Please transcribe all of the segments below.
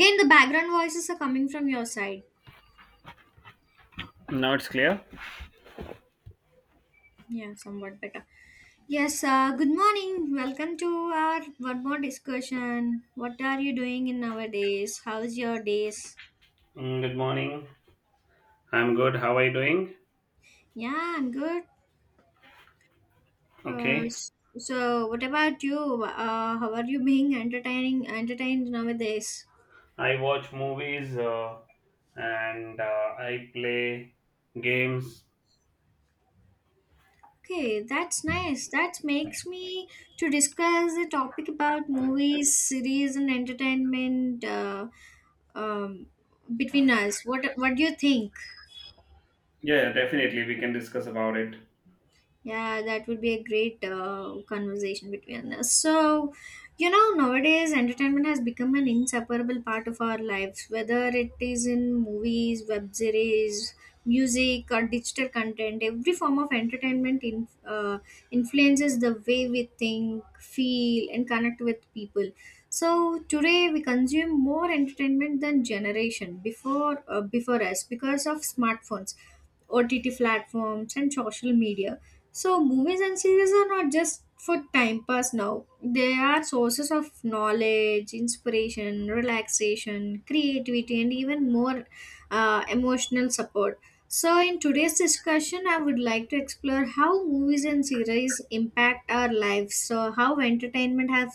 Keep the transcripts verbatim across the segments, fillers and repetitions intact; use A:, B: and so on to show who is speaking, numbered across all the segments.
A: Again, the background voices are coming from your side.
B: Now it's clear.
A: Yeah, somewhat better. Yes, uh, good morning. Welcome to our one more discussion. What are you doing in nowadays? How's your days?
B: Mm, good morning. I'm good. How are you doing?
A: Yeah, I'm good. Uh,
B: Okay.
A: s- so, what about you? Uh, how are you being entertaining entertained nowadays?
B: I watch movies uh, and uh, I play games.
A: Okay, that's nice. That makes me to discuss the topic about movies, series, and entertainment. Uh, um, between us. What What do you think?
B: Yeah, definitely. We can discuss about it.
A: Yeah, that would be a great uh, conversation between us. So, you know, nowadays entertainment has become an inseparable part of our lives, whether it is in movies, web series, music, or digital content. Every form of entertainment in, uh, influences the way we think, feel, and connect with people. So today we consume more entertainment than generation before uh, before us because of smartphones O T T platforms, and social media. So, movies and series are not just for time pass now, they are sources of knowledge, inspiration, relaxation, creativity, and even more uh, emotional support. So, in today's discussion, I would like to explore how movies and series impact our lives. So, how entertainment have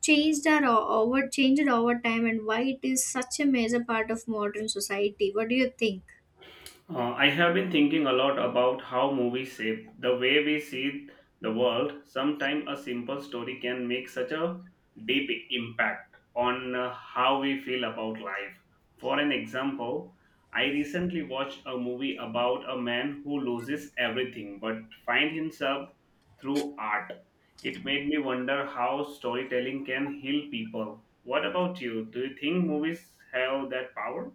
A: changed our over changed over time, and why it is such a major part of modern society. What do you think?
B: Uh, I have been thinking a lot about how movies shape the way we see the world. Sometimes a simple story can make such a deep impact on uh, how we feel about life. For an example, I recently watched a movie about a man who loses everything but finds himself through art. It made me wonder how storytelling can heal people. What about you? Do you think movies have that power?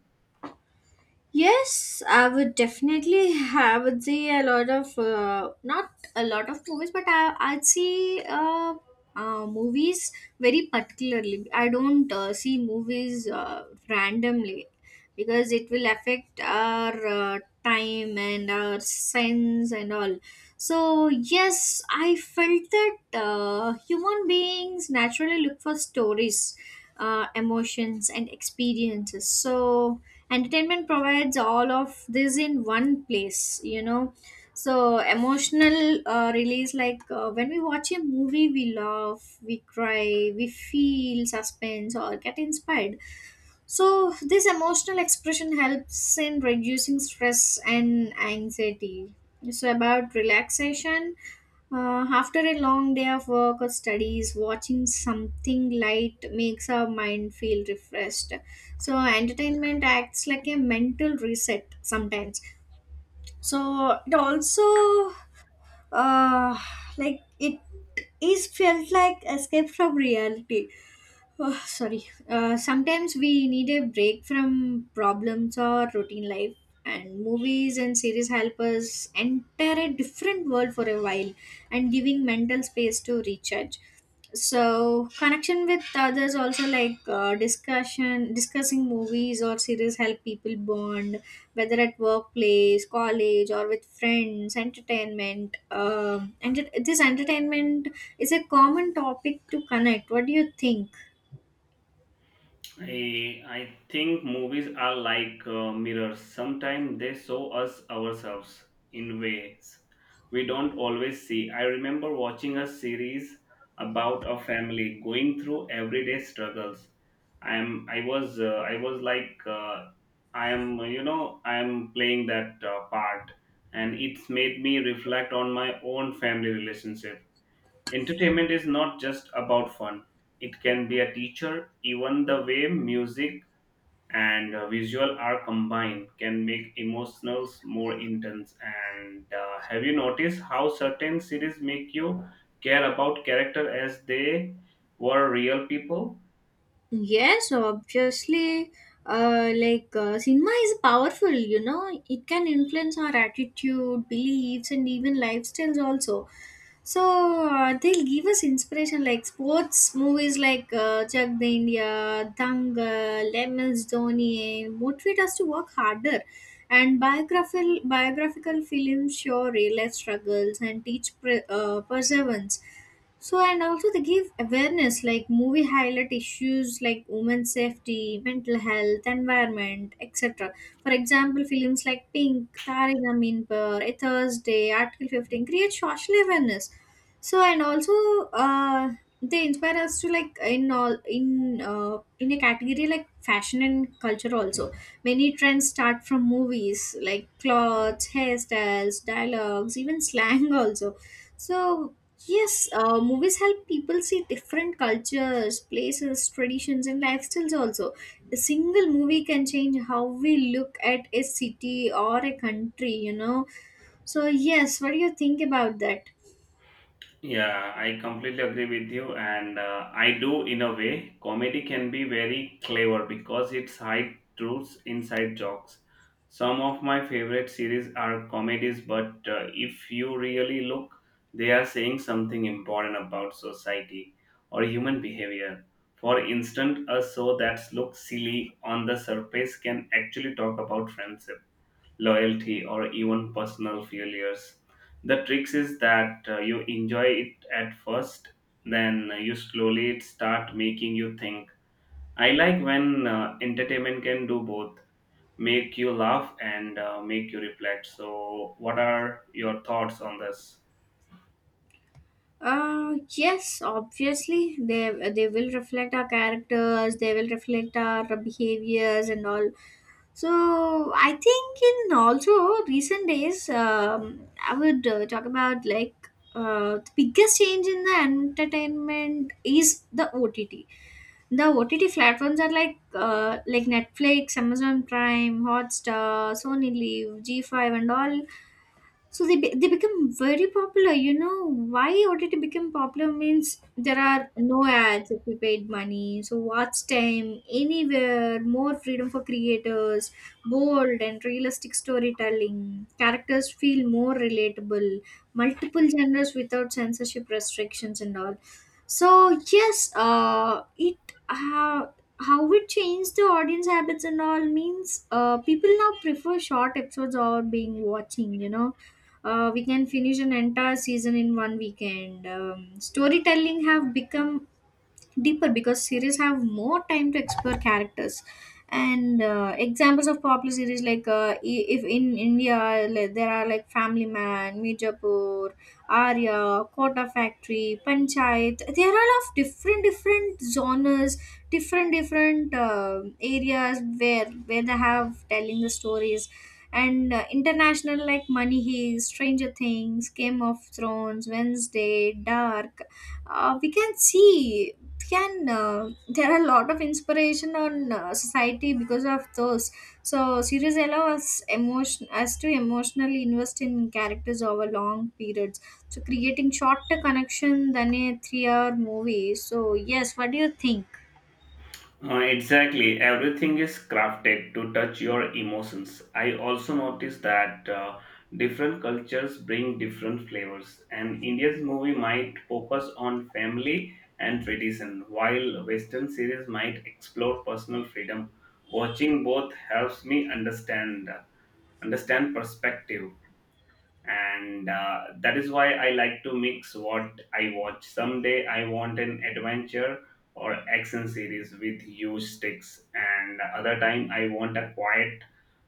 A: Yes, I would definitely. have. I would see a lot of uh, not a lot of movies, but I I'd see uh, uh, movies very particularly. I don't uh, see movies uh, randomly because it will affect our uh, time and our sense and all. So yes, I felt that uh, human beings naturally look for stories, uh, emotions, and experiences. So entertainment provides all of this in one place, you know, so emotional uh, release, like uh, when we watch a movie, we laugh, we cry, we feel suspense or get inspired. So this emotional expression helps in reducing stress and anxiety. So about relaxation, uh, after a long day of work or studies, watching something light makes our mind feel refreshed. So, entertainment acts like a mental reset sometimes. So, it also uh, like it is felt like escape from reality. Oh, sorry. Uh, sometimes we need a break from problems or routine life, and movies and series help us enter a different world for a while and giving mental space to recharge. So, connection with others also, like uh, discussion, discussing movies or series help people bond, whether at workplace, college, or with friends, entertainment. Um, and it- this entertainment is a common topic to connect. What do you think?
B: I, I think movies are like uh, mirrors. Sometimes they show us ourselves in ways we don't always see. I remember watching a series about a family going through everyday struggles. I am I was uh, I was like uh, I am, you know, I am playing that uh, part, and it's made me reflect on my own family relationship. Entertainment is not just about fun, it can be a teacher. Even the way music and uh, visual are combined can make emotionals more intense. And uh, have you noticed how certain series make you care about character as they were real people?
A: Yes, obviously, uh, like uh, cinema is powerful, you know, it can influence our attitude, beliefs, and even lifestyles also. So uh, they'll give us inspiration, like sports movies like uh, Chak the India, Dangal, Lemons Dhoni, and motivate us to work harder. And biographical biographical films show real life struggles and teach pre- uh, perseverance. So and also they give awareness, like movie highlight issues like women's safety, mental health, environment, et cetera. For example, films like Pink, Tare Zameen Par, A Thursday, Article fifteen create social awareness. So and also uh, they inspire us to, like in all in uh, in a category like fashion and culture also. Many trends start from movies like clothes, hairstyles, dialogues, even slang also. So yes, uh, movies help people see different cultures, places, traditions, and lifestyles also. A single movie can change how we look at a city or a country, you know. So yes, what do you think about that?
B: Yeah, I completely agree with you, and uh, I do in a way. Comedy can be very clever because it's hide truths inside jokes. Some of my favorite series are comedies, but uh, if you really look, they are saying something important about society or human behavior. For instance, a show that looks silly on the surface can actually talk about friendship, loyalty, or even personal failures. The trick is that uh, you enjoy it at first, then you slowly it start making you think. I like when uh, entertainment can do both, make you laugh and uh, make you reflect. So, what are your thoughts on this?
A: Uh, yes, obviously they they will reflect our characters, they will reflect our behaviors and all. So I think in also recent days, um, I would uh, talk about like uh, the biggest change in the entertainment is the O T T. The O T T platforms are like uh, like Netflix, Amazon Prime, Hotstar, Sony Live, G five, and all. So they be- they become very popular, you know. Why O T T become popular means there are no ads if you paid money, so watch time anywhere, more freedom for creators, bold and realistic storytelling, characters feel more relatable, multiple genres without censorship restrictions and all. So yes, uh it uh, how it changed the audience habits and all means, uh, people now prefer short episodes or being watching, you know. Uh, we can finish an entire season in one weekend. Um, storytelling have become deeper because series have more time to explore characters. And uh, examples of popular series like uh, i- if in india, like, there are like family man, mijapur, arya, kota factory, panchayat. They are all of different different genres, different different uh, areas where where they have telling the stories. And uh, international like money heist, stranger things, game of thrones, wednesday, dark. Uh, we can see can uh, there are a lot of inspiration on uh, society because of those. So series allow us emotion us to emotionally invest in characters over long periods, so creating shorter connection than a three hour movie. So yes, what do you think?
B: Uh, exactly. Everything is crafted to touch your emotions. I also noticed that uh, different cultures bring different flavors, and India's movie might focus on family and tradition, while Western series might explore personal freedom. Watching both helps me understand understand perspective, and uh, that is why I like to mix what I watch. Someday I want an adventure or action series with huge stakes, and other time I want a quiet,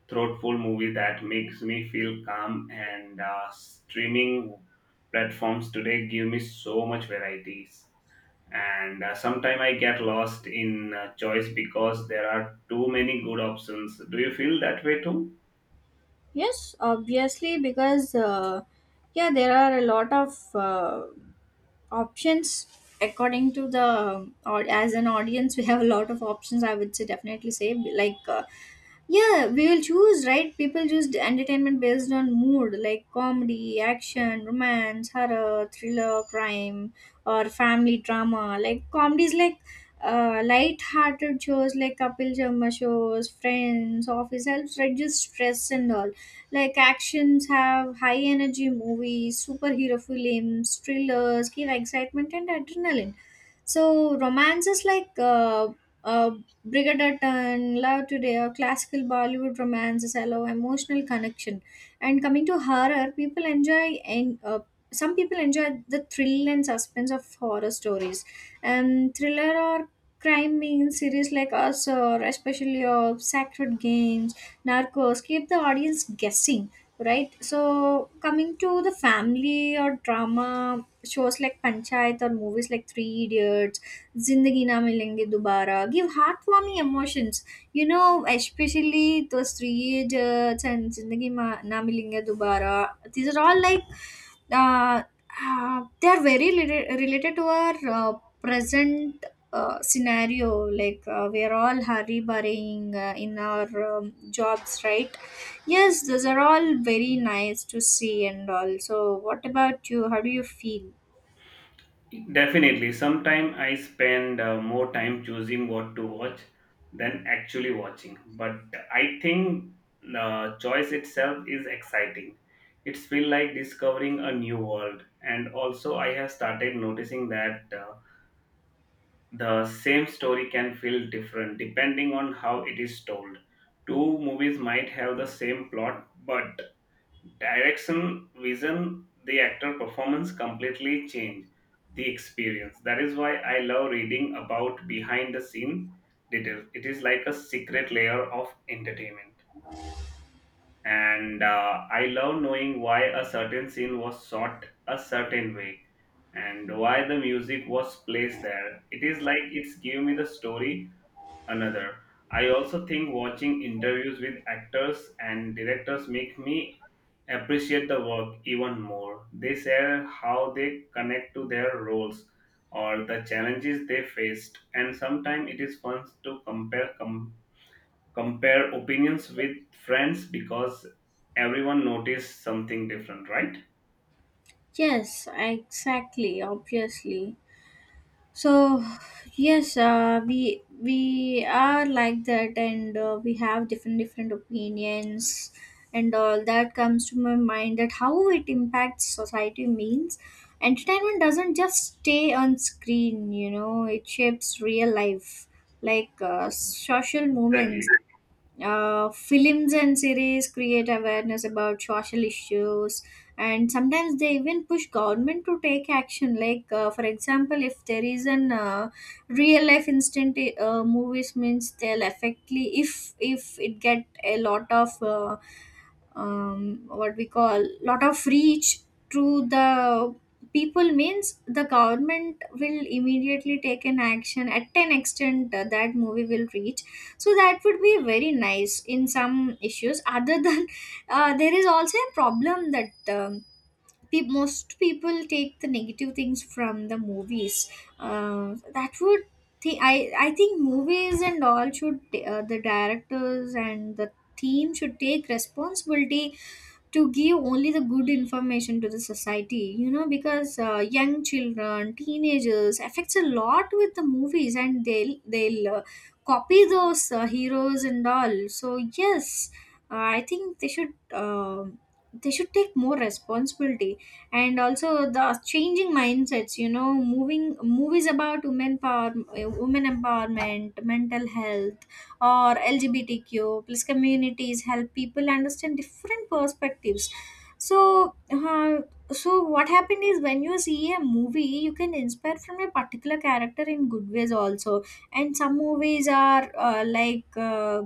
B: thoughtful movie that makes me feel calm. And uh, streaming platforms today give me so much varieties, and uh, sometimes I get lost in uh, choice because there are too many good options. Do you feel that way too?
A: Yes, obviously, because uh, yeah, there are a lot of uh, options according to the or as an audience, we have a lot of options. I would say definitely say like, uh, yeah, we will choose right. People choose entertainment based on mood, like comedy, action, romance, horror, thriller, crime, or family drama. Like comedies, like uh, light-hearted shows like Kapil Sharma shows, Friends, Office helps reduce stress and all. Like actions have high energy movies, superhero films, thrillers give excitement and adrenaline. So romances like uh, uh, Brigadattan, Love Today, or classical Bollywood romances allow emotional connection. And coming to horror, people enjoy and uh, some people enjoy the thrill and suspense of horror stories. Um, thriller or crime means series like us or especially of Sacred Games, narcos keep the audience guessing, right? So coming to the family or drama shows like panchayat or movies like three idiots, zindagi na milenge dobara give heartwarming emotions, you know, especially those three idiots and zindagi Ma- na milenge dobara. These are all like uh, uh, they are very rela- related to our uh, present uh, scenario, like uh, we are all hurry burrying uh, in our um, jobs, right? Yes, those are all very nice to see and all. So what about you? How do you feel?
B: Definitely. Sometimes I spend uh, more time choosing what to watch than actually watching. But I think the choice itself is exciting. It's feel like discovering a new world. And also, I have started noticing that uh, the same story can feel different depending on how it is told. Two movies might have the same plot, but direction, vision, the actor performance completely change the experience. That is why I love reading about behind the scene details. It is like a secret layer of entertainment. And uh, I love knowing why a certain scene was shot a certain way and why the music was placed there. It is like it's giving me the story another. I also think watching interviews with actors and directors make me appreciate the work even more. They share how they connect to their roles or the challenges they faced, and sometimes it is fun to compare com- compare opinions with friends because everyone noticed something different, right?
A: Yes, exactly, obviously. So yes, uh, we we are like that, and uh, we have different different opinions and all that comes to my mind, that how it impacts society means entertainment doesn't just stay on screen, you know, it shapes real life, like uh, social movements.
B: Exactly.
A: Uh, films and series create awareness about social issues, and sometimes they even push government to take action, like uh, for example, if there is an uh, real life instant uh, movies means they'll affectly. if if it get a lot of uh, um, what we call lot of reach to the people means the government will immediately take an action at an extent uh, that movie will reach. So that would be very nice in some issues. Other than uh, there is also a problem that um, pe- most people take the negative things from the movies. uh, that would thi- I, I think movies and all should, uh, the directors and the team should take responsibility to give only the good information to the society, you know, because uh, young children, teenagers affects a lot with the movies, and they'll they'll uh, copy those uh, heroes and all. So yes, uh, I think they should um they should take more responsibility, and also the changing mindsets, you know, moving movies about women power, uh, women empowerment, mental health, or L G B T Q plus communities help people understand different perspectives. So, uh, so what happened is when you see a movie, you can inspire from a particular character in good ways also. And some movies are uh, like uh,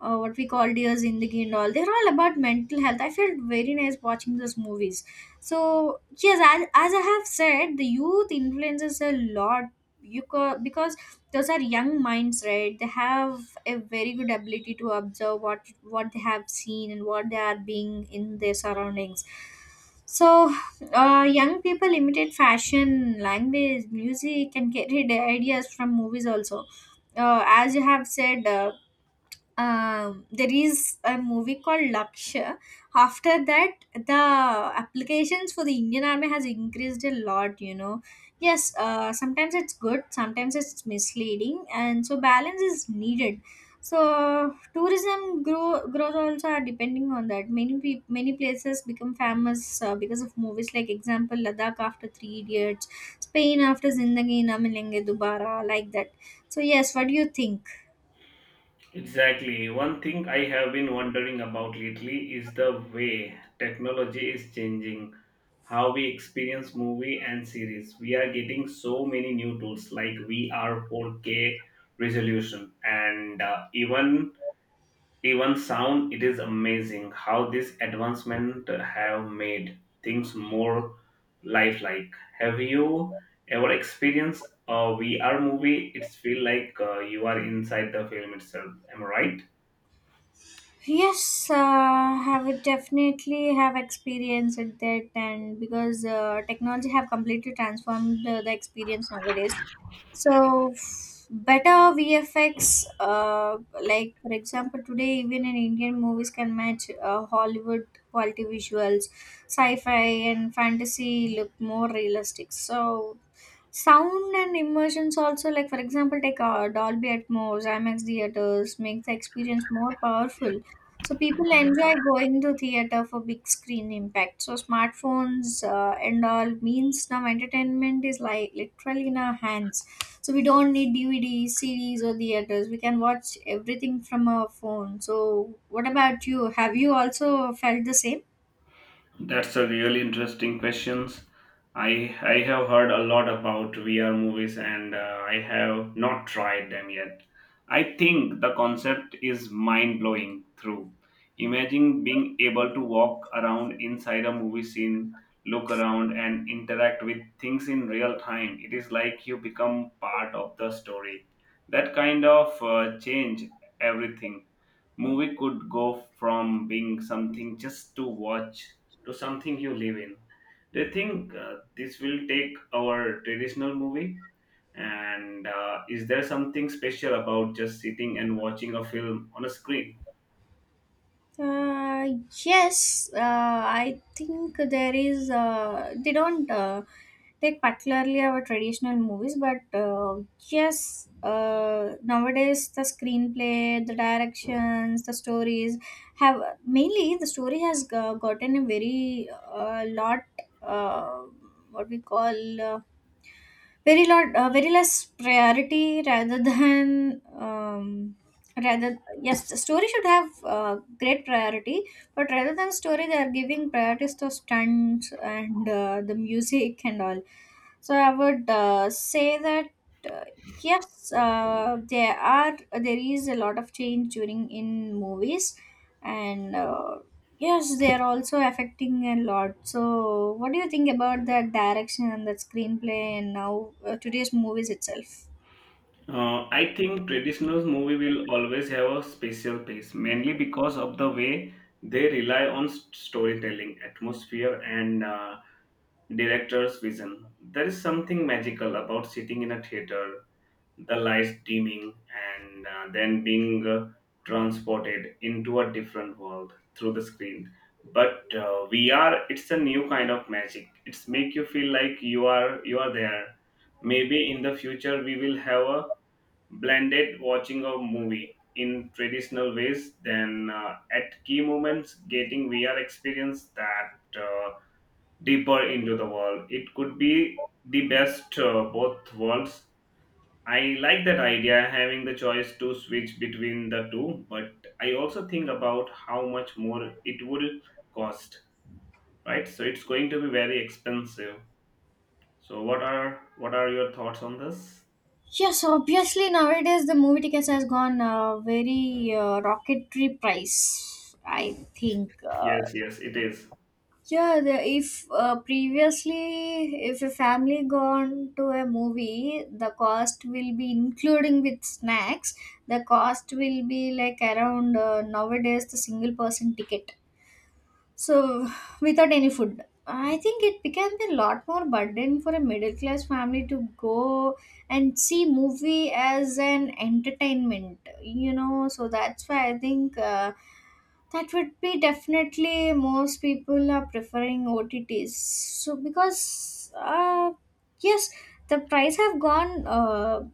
A: uh, what we call Dear Zindagi and all. They're all about mental health. I felt very nice watching those movies. So yes, as, as I have said, the youth influences a lot. You co- because those are young minds, right? They have a very good ability to observe what what they have seen and what they are being in their surroundings. So, uh, young people imitate fashion, language, music, and get ideas from movies also. Uh, as you have said, uh, um, there is a movie called Lakshya. After that, the applications for the Indian Army has increased a lot. You know, yes, uh, sometimes it's good, sometimes it's misleading, and so balance is needed. So tourism grow growth also are depending on that. Many pe- many places become famous uh, because of movies, like example Ladakh after Three Idiots, Spain after Zindagi Na Milenge Dubara, like that. So yes, what do you think?
B: Exactly. One thing I have been wondering about lately is the way technology is changing how we experience movie and series. We are getting so many new tools like V R, four K resolution, and uh, even even sound. It is amazing how this advancement have made things more lifelike. Have you ever experienced a V R movie? It's feel like uh, you are inside the film itself. Am I right?
A: Yes, uh, have it definitely have experienced that, and because uh, technology have completely transformed uh, the experience nowadays. So f- better V F X, uh, like for example, today even in Indian movies can match uh, Hollywood quality visuals, sci-fi and fantasy look more realistic. So sound and immersions also, like for example, take uh, Dolby Atmos, IMAX theaters, make the experience more powerful. So people enjoy going to theater for big screen impact. So smartphones uh, and all means now entertainment is like literally in our hands. So we don't need D V Ds, C Ds, or theaters. We can watch everything from our phone. So what about you? Have you also felt the same?
B: That's a really interesting questions. I I have heard a lot about V R movies, and uh, I have not tried them yet. I think the concept is mind blowing. Through, imagine being able to walk around inside a movie scene, look around and interact with things in real time. It is like you become part of the story. That kind of uh, change everything. Movie could go from being something just to watch to something you live in. Do you think uh, this will take our traditional movie? And uh, is there something special about just sitting and watching a film on a screen?
A: Uh, yes, uh, I think there is. Uh, they don't uh, take particularly our traditional movies, but uh, yes, uh, nowadays the screenplay, the directions, the stories have mainly the story has g- gotten a very uh, lot. Uh, what we call. Uh, very lot, uh, very less priority rather than um, rather yes the story should have uh, great priority, but rather than story they are giving priorities to stunts and uh, the music and all. So I would uh, say that uh, yes, uh, there are there is a lot of change during in movies and uh, yes, they are also affecting a lot. So what do you think about that direction and the screenplay and now uh, today's movies itself?
B: Uh, I think traditional movie will always have a special place, mainly because of the way they rely on s- storytelling, atmosphere, and uh, director's vision. There is something magical about sitting in a theater, the lights dimming, and uh, then being uh, transported into a different world through the screen. But uh, V R, it's a new kind of magic. It's make you feel like you are you are there. Maybe in the future we will have a blended watching of movie in traditional ways, then uh, at key moments getting V R experience that uh, deeper into the world. It could be the best uh, both worlds. I like that idea, having the choice to switch between the two, but I also think about how much more it will cost, right? So it's going to be very expensive. So what are what are your thoughts on this?
A: Yes, obviously nowadays the movie tickets has gone uh, very uh, rocketry price. I think. Uh,
B: Yes, yes, it is.
A: yeah, the, if uh, previously if a family gone to a movie, the cost will be including with snacks. The cost will be like around uh, nowadays the single person ticket. So, without any food, I think it becomes a lot more burden for a middle class family to go and see movie as an entertainment. You know, so that's why I think uh, that would be definitely most people are preferring O T Ts. So because uh, yes, the price have gone. Uh,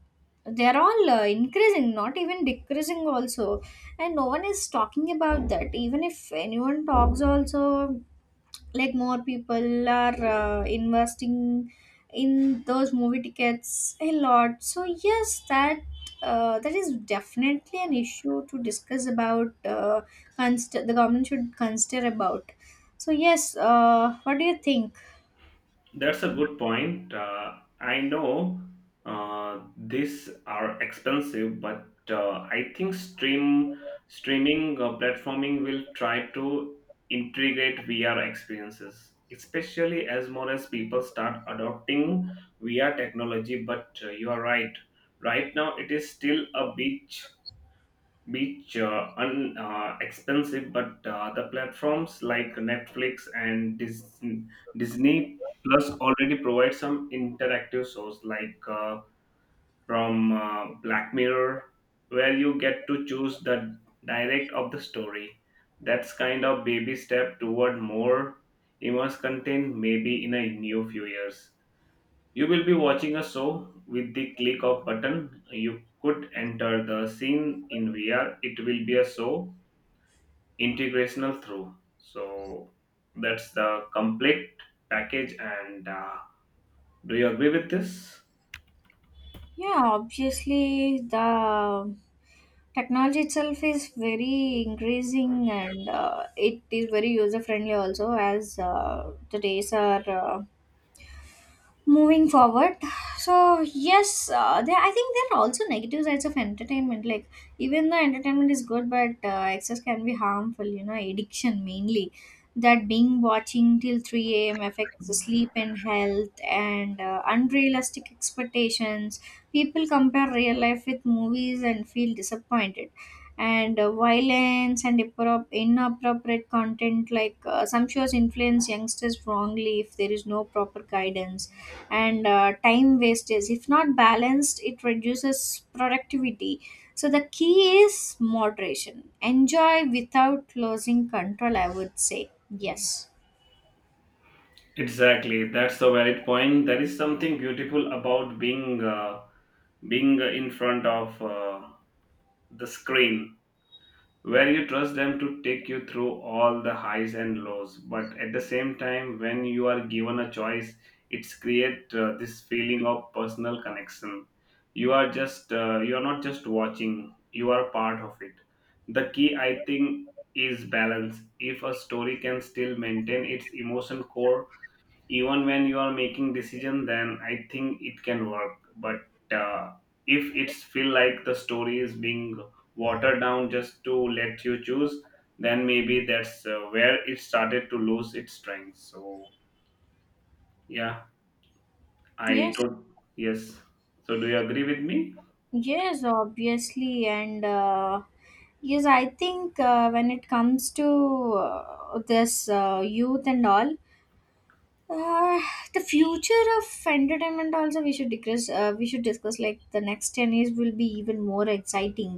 A: They are all uh, increasing, not even decreasing also, and no one is talking about that. Even if anyone talks also, like more people are uh, investing in those movie tickets a lot. So yes, that uh, that is definitely an issue to discuss about, uh, consider, the government should consider about. So yes, uh, what do you think?
B: That's a good point. Uh, I know uh, these are expensive, but uh, I think stream streaming uh, platforming will try to integrate V R experiences, especially as more as people start adopting V R technology. But uh, you are right. Right now, it is still a bit which uh, un, uh, expensive, but uh, the platforms like Netflix and disney, Disney Plus already provide some interactive shows like uh, from uh, Black Mirror, where you get to choose the direct of the story. That's kind of baby step toward more immersive content. Maybe in a new few years you will be watching a show with the click of button. You could enter the scene in V R. It will be a show integrational through. So that's the complete package. And uh, do you agree with this?
A: Yeah, obviously the technology itself is very increasing and uh, it is very user friendly also as uh, the days are uh, moving forward. So yes, uh, there I think there are also negative sides of entertainment, like even though entertainment is good, but uh, excess can be harmful, you know, addiction mainly. That being watching till three a.m. affects the sleep and health, and uh, unrealistic expectations, people compare real life with movies and feel disappointed, and uh, violence and appro- inappropriate content, like uh, some shows influence youngsters wrongly if there is no proper guidance, and uh, time wastage. If not balanced, it reduces productivity. So the key is moderation. Enjoy without losing control, I would say. Yes.
B: Exactly, that's the valid point. There is something beautiful about being uh, being in front of uh, the screen where you trust them to take you through all the highs and lows. But at the same time, when you are given a choice, it's create uh, this feeling of personal connection. You are just uh, you are not just watching, you are part of it. The key, I think, is balance. If a story can still maintain its emotion core even when you are making decision, then I think it can work. But uh, if it's feel like the story is being watered down just to let you choose, then maybe that's uh, where it started to lose its strength. So yeah, I
A: Yes.
B: don't. Yes, so do you agree with me?
A: Yes, obviously. And uh, yes, I think uh, when it comes to uh, this uh, youth and all, Uh, the future of entertainment also we should discuss, uh, we should discuss like the next ten years will be even more exciting.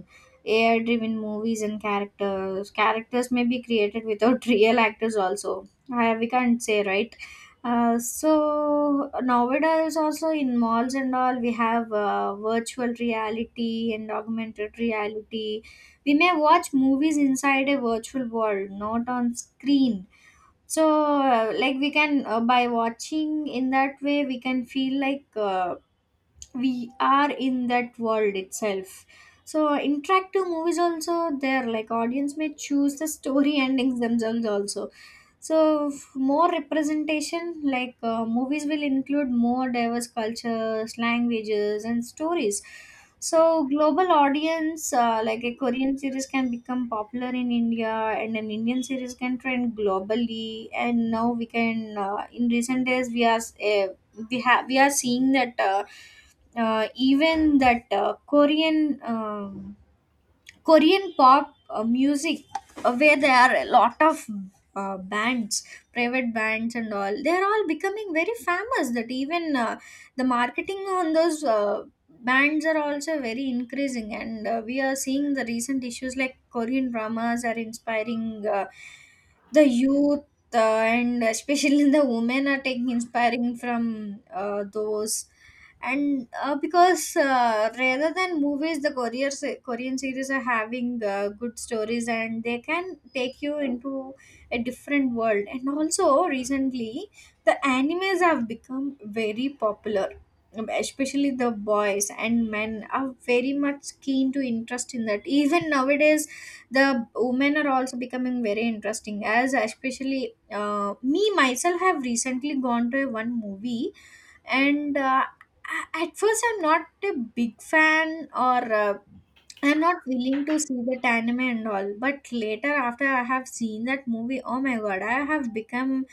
A: AI driven movies and characters characters may be created without real actors also. Uh, we can't say, right? Uh, so nowadays also in malls and all we have uh, virtual reality and augmented reality. We may watch movies inside a virtual world, not on screen. So uh, like we can, uh, by watching in that way we can feel like uh, we are in that world itself. So interactive movies also there, like audience may choose the story endings themselves also. So, f- more representation, like uh, movies will include more diverse cultures, languages, and stories. So, global audience, uh, like a Korean series can become popular in India, and an Indian series can trend globally. And now we can, uh, in recent days, we are s- eh, we have we are seeing that uh, uh, even that uh, Korean. um Korean pop uh, music, uh, where there are a lot of uh, bands, private bands, and all, they are all becoming very famous. That even uh, the marketing on those uh, bands are also very increasing, and uh, we are seeing the recent issues like Korean dramas are inspiring uh, the youth, uh, and especially the women are taking inspiring from uh, those, and uh, because uh, rather than movies the korean se- korean series are having uh, good stories and they can take you into a different world. And also recently the animes have become very popular. Um, especially the boys and men are very much keen to interest in that. Even nowadays the women are also becoming very interesting as especially, uh, me myself have recently gone to a one movie, and uh, a- at first I'm not a big fan or uh, I'm not willing to see that anime and all, but later, after I have seen that movie, oh my god, I have become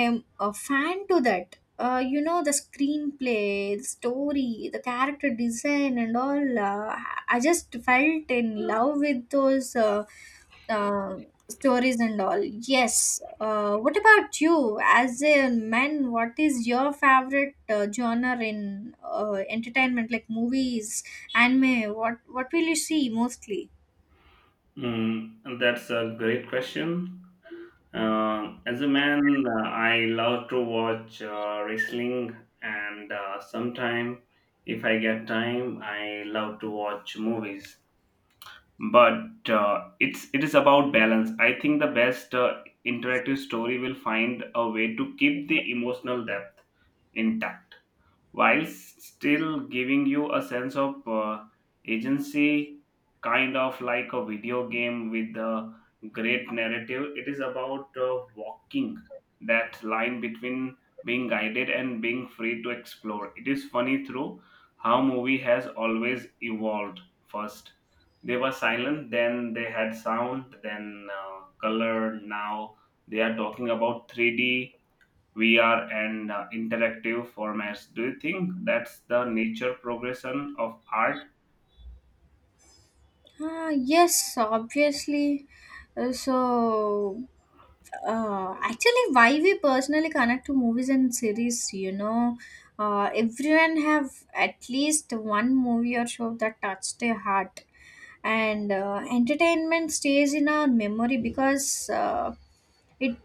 A: am a fan to that. Uh, you know, the screenplay, the story, the character design, and all. Uh, I I just felt in love with those uh, uh, stories and all. Yes. Uh, what about you? As a man, what is your favorite uh, genre in uh, entertainment, like movies, anime? What What will you see mostly?
B: mm, that's a great question. Uh, as a man, uh, I love to watch uh, wrestling, and uh, sometime, if I get time, I love to watch movies. But uh, it's it is about balance. I think the best uh, interactive story will find a way to keep the emotional depth intact while still giving you a sense of uh, agency, kind of like a video game with a great narrative. It is about uh, walking that line between being guided and being free to explore. It is funny through how movie has always evolved. First, they were silent, then they had sound, then uh, color. Now they are talking about three D, V R, and uh, interactive formats. Do you think that's the nature progression of art?
A: Uh, yes, obviously. Uh, so, uh, actually, why we personally connect to movies and series, you know, uh, everyone have at least one movie or show that touched their heart, and uh, entertainment stays in our memory because uh, it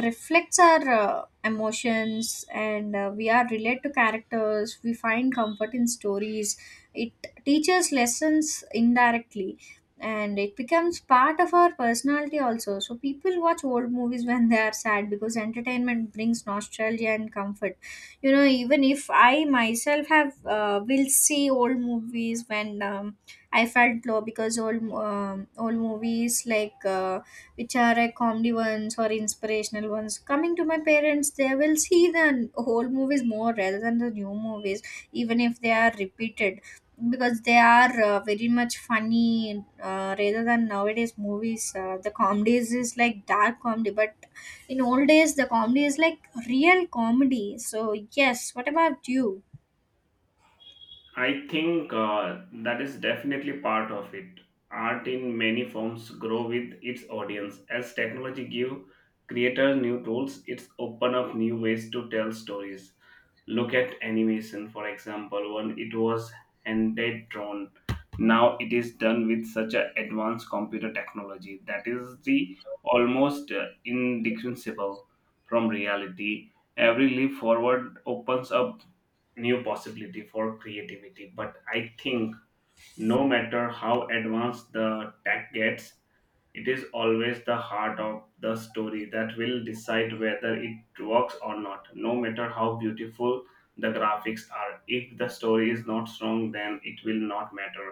A: reflects our uh, emotions, and uh, we are relate to characters, we find comfort in stories, it teaches lessons indirectly, and it becomes part of our personality also. So people watch old movies when they are sad because entertainment brings nostalgia and comfort, you know. Even if I myself have uh, will see old movies when um, I felt low, because old um, old movies like uh, which are uh, comedy ones or inspirational ones. Coming to my parents, they will see the old movies more rather than the new movies, even if they are repeated, because they are uh, very much funny, uh, rather than nowadays movies uh, the comedies is like dark comedy, but in old days the comedy is like real comedy. So yes, what about you?
B: I think uh, that is definitely part of it. Art in many forms grow with its audience. As technology give creators new tools, it's open up new ways to tell stories. Look at animation, for example, when it was handed drawn. Now it is done with such an advanced computer technology that is the almost uh, indistinguishable from reality. Every leap forward opens up new possibility for creativity. But I think, no matter how advanced the tech gets, it is always the heart of the story that will decide whether it works or not. No matter how beautiful the graphics are, if the story is not strong, then it will not matter.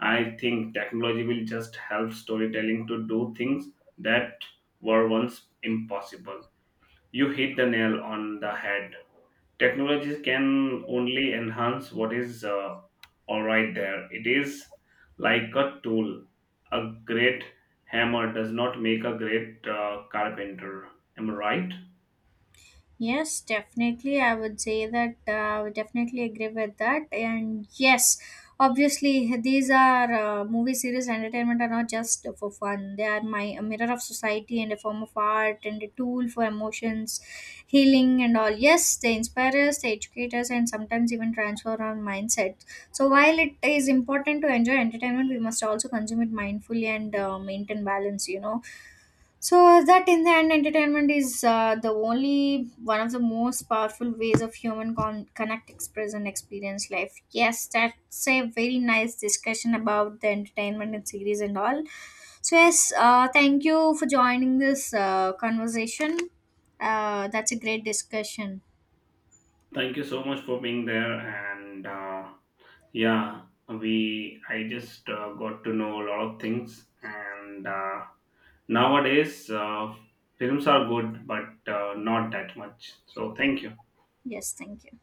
B: I think technology will just help storytelling to do things that were once impossible. You hit the nail on the head. Technologies can only enhance what is uh, all right there. It is like a tool. A great hammer does not make a great uh, carpenter. Am I right?
A: Yes, definitely. I would say that uh, I would definitely agree with that. And yes, obviously, these are uh, movie series entertainment are not just for fun. They are my a mirror of society and a form of art and a tool for emotions, healing, and all. Yes, they inspire us, they educate us, and sometimes even transform our mindset. So, while it is important to enjoy entertainment, we must also consume it mindfully and uh, maintain balance, you know, so that in the end, entertainment is uh, the only one of the most powerful ways of human con- connect, express, and experience life. Yes, that's a very nice discussion about the entertainment and series and all. So yes, uh, thank you for joining this uh, conversation. Uh, that's a great discussion.
B: Thank you so much for being there. And uh, yeah, we I just uh, got to know a lot of things. And uh, nowadays, uh, films are good, but uh, not that much. So thank you.
A: Yes, thank you.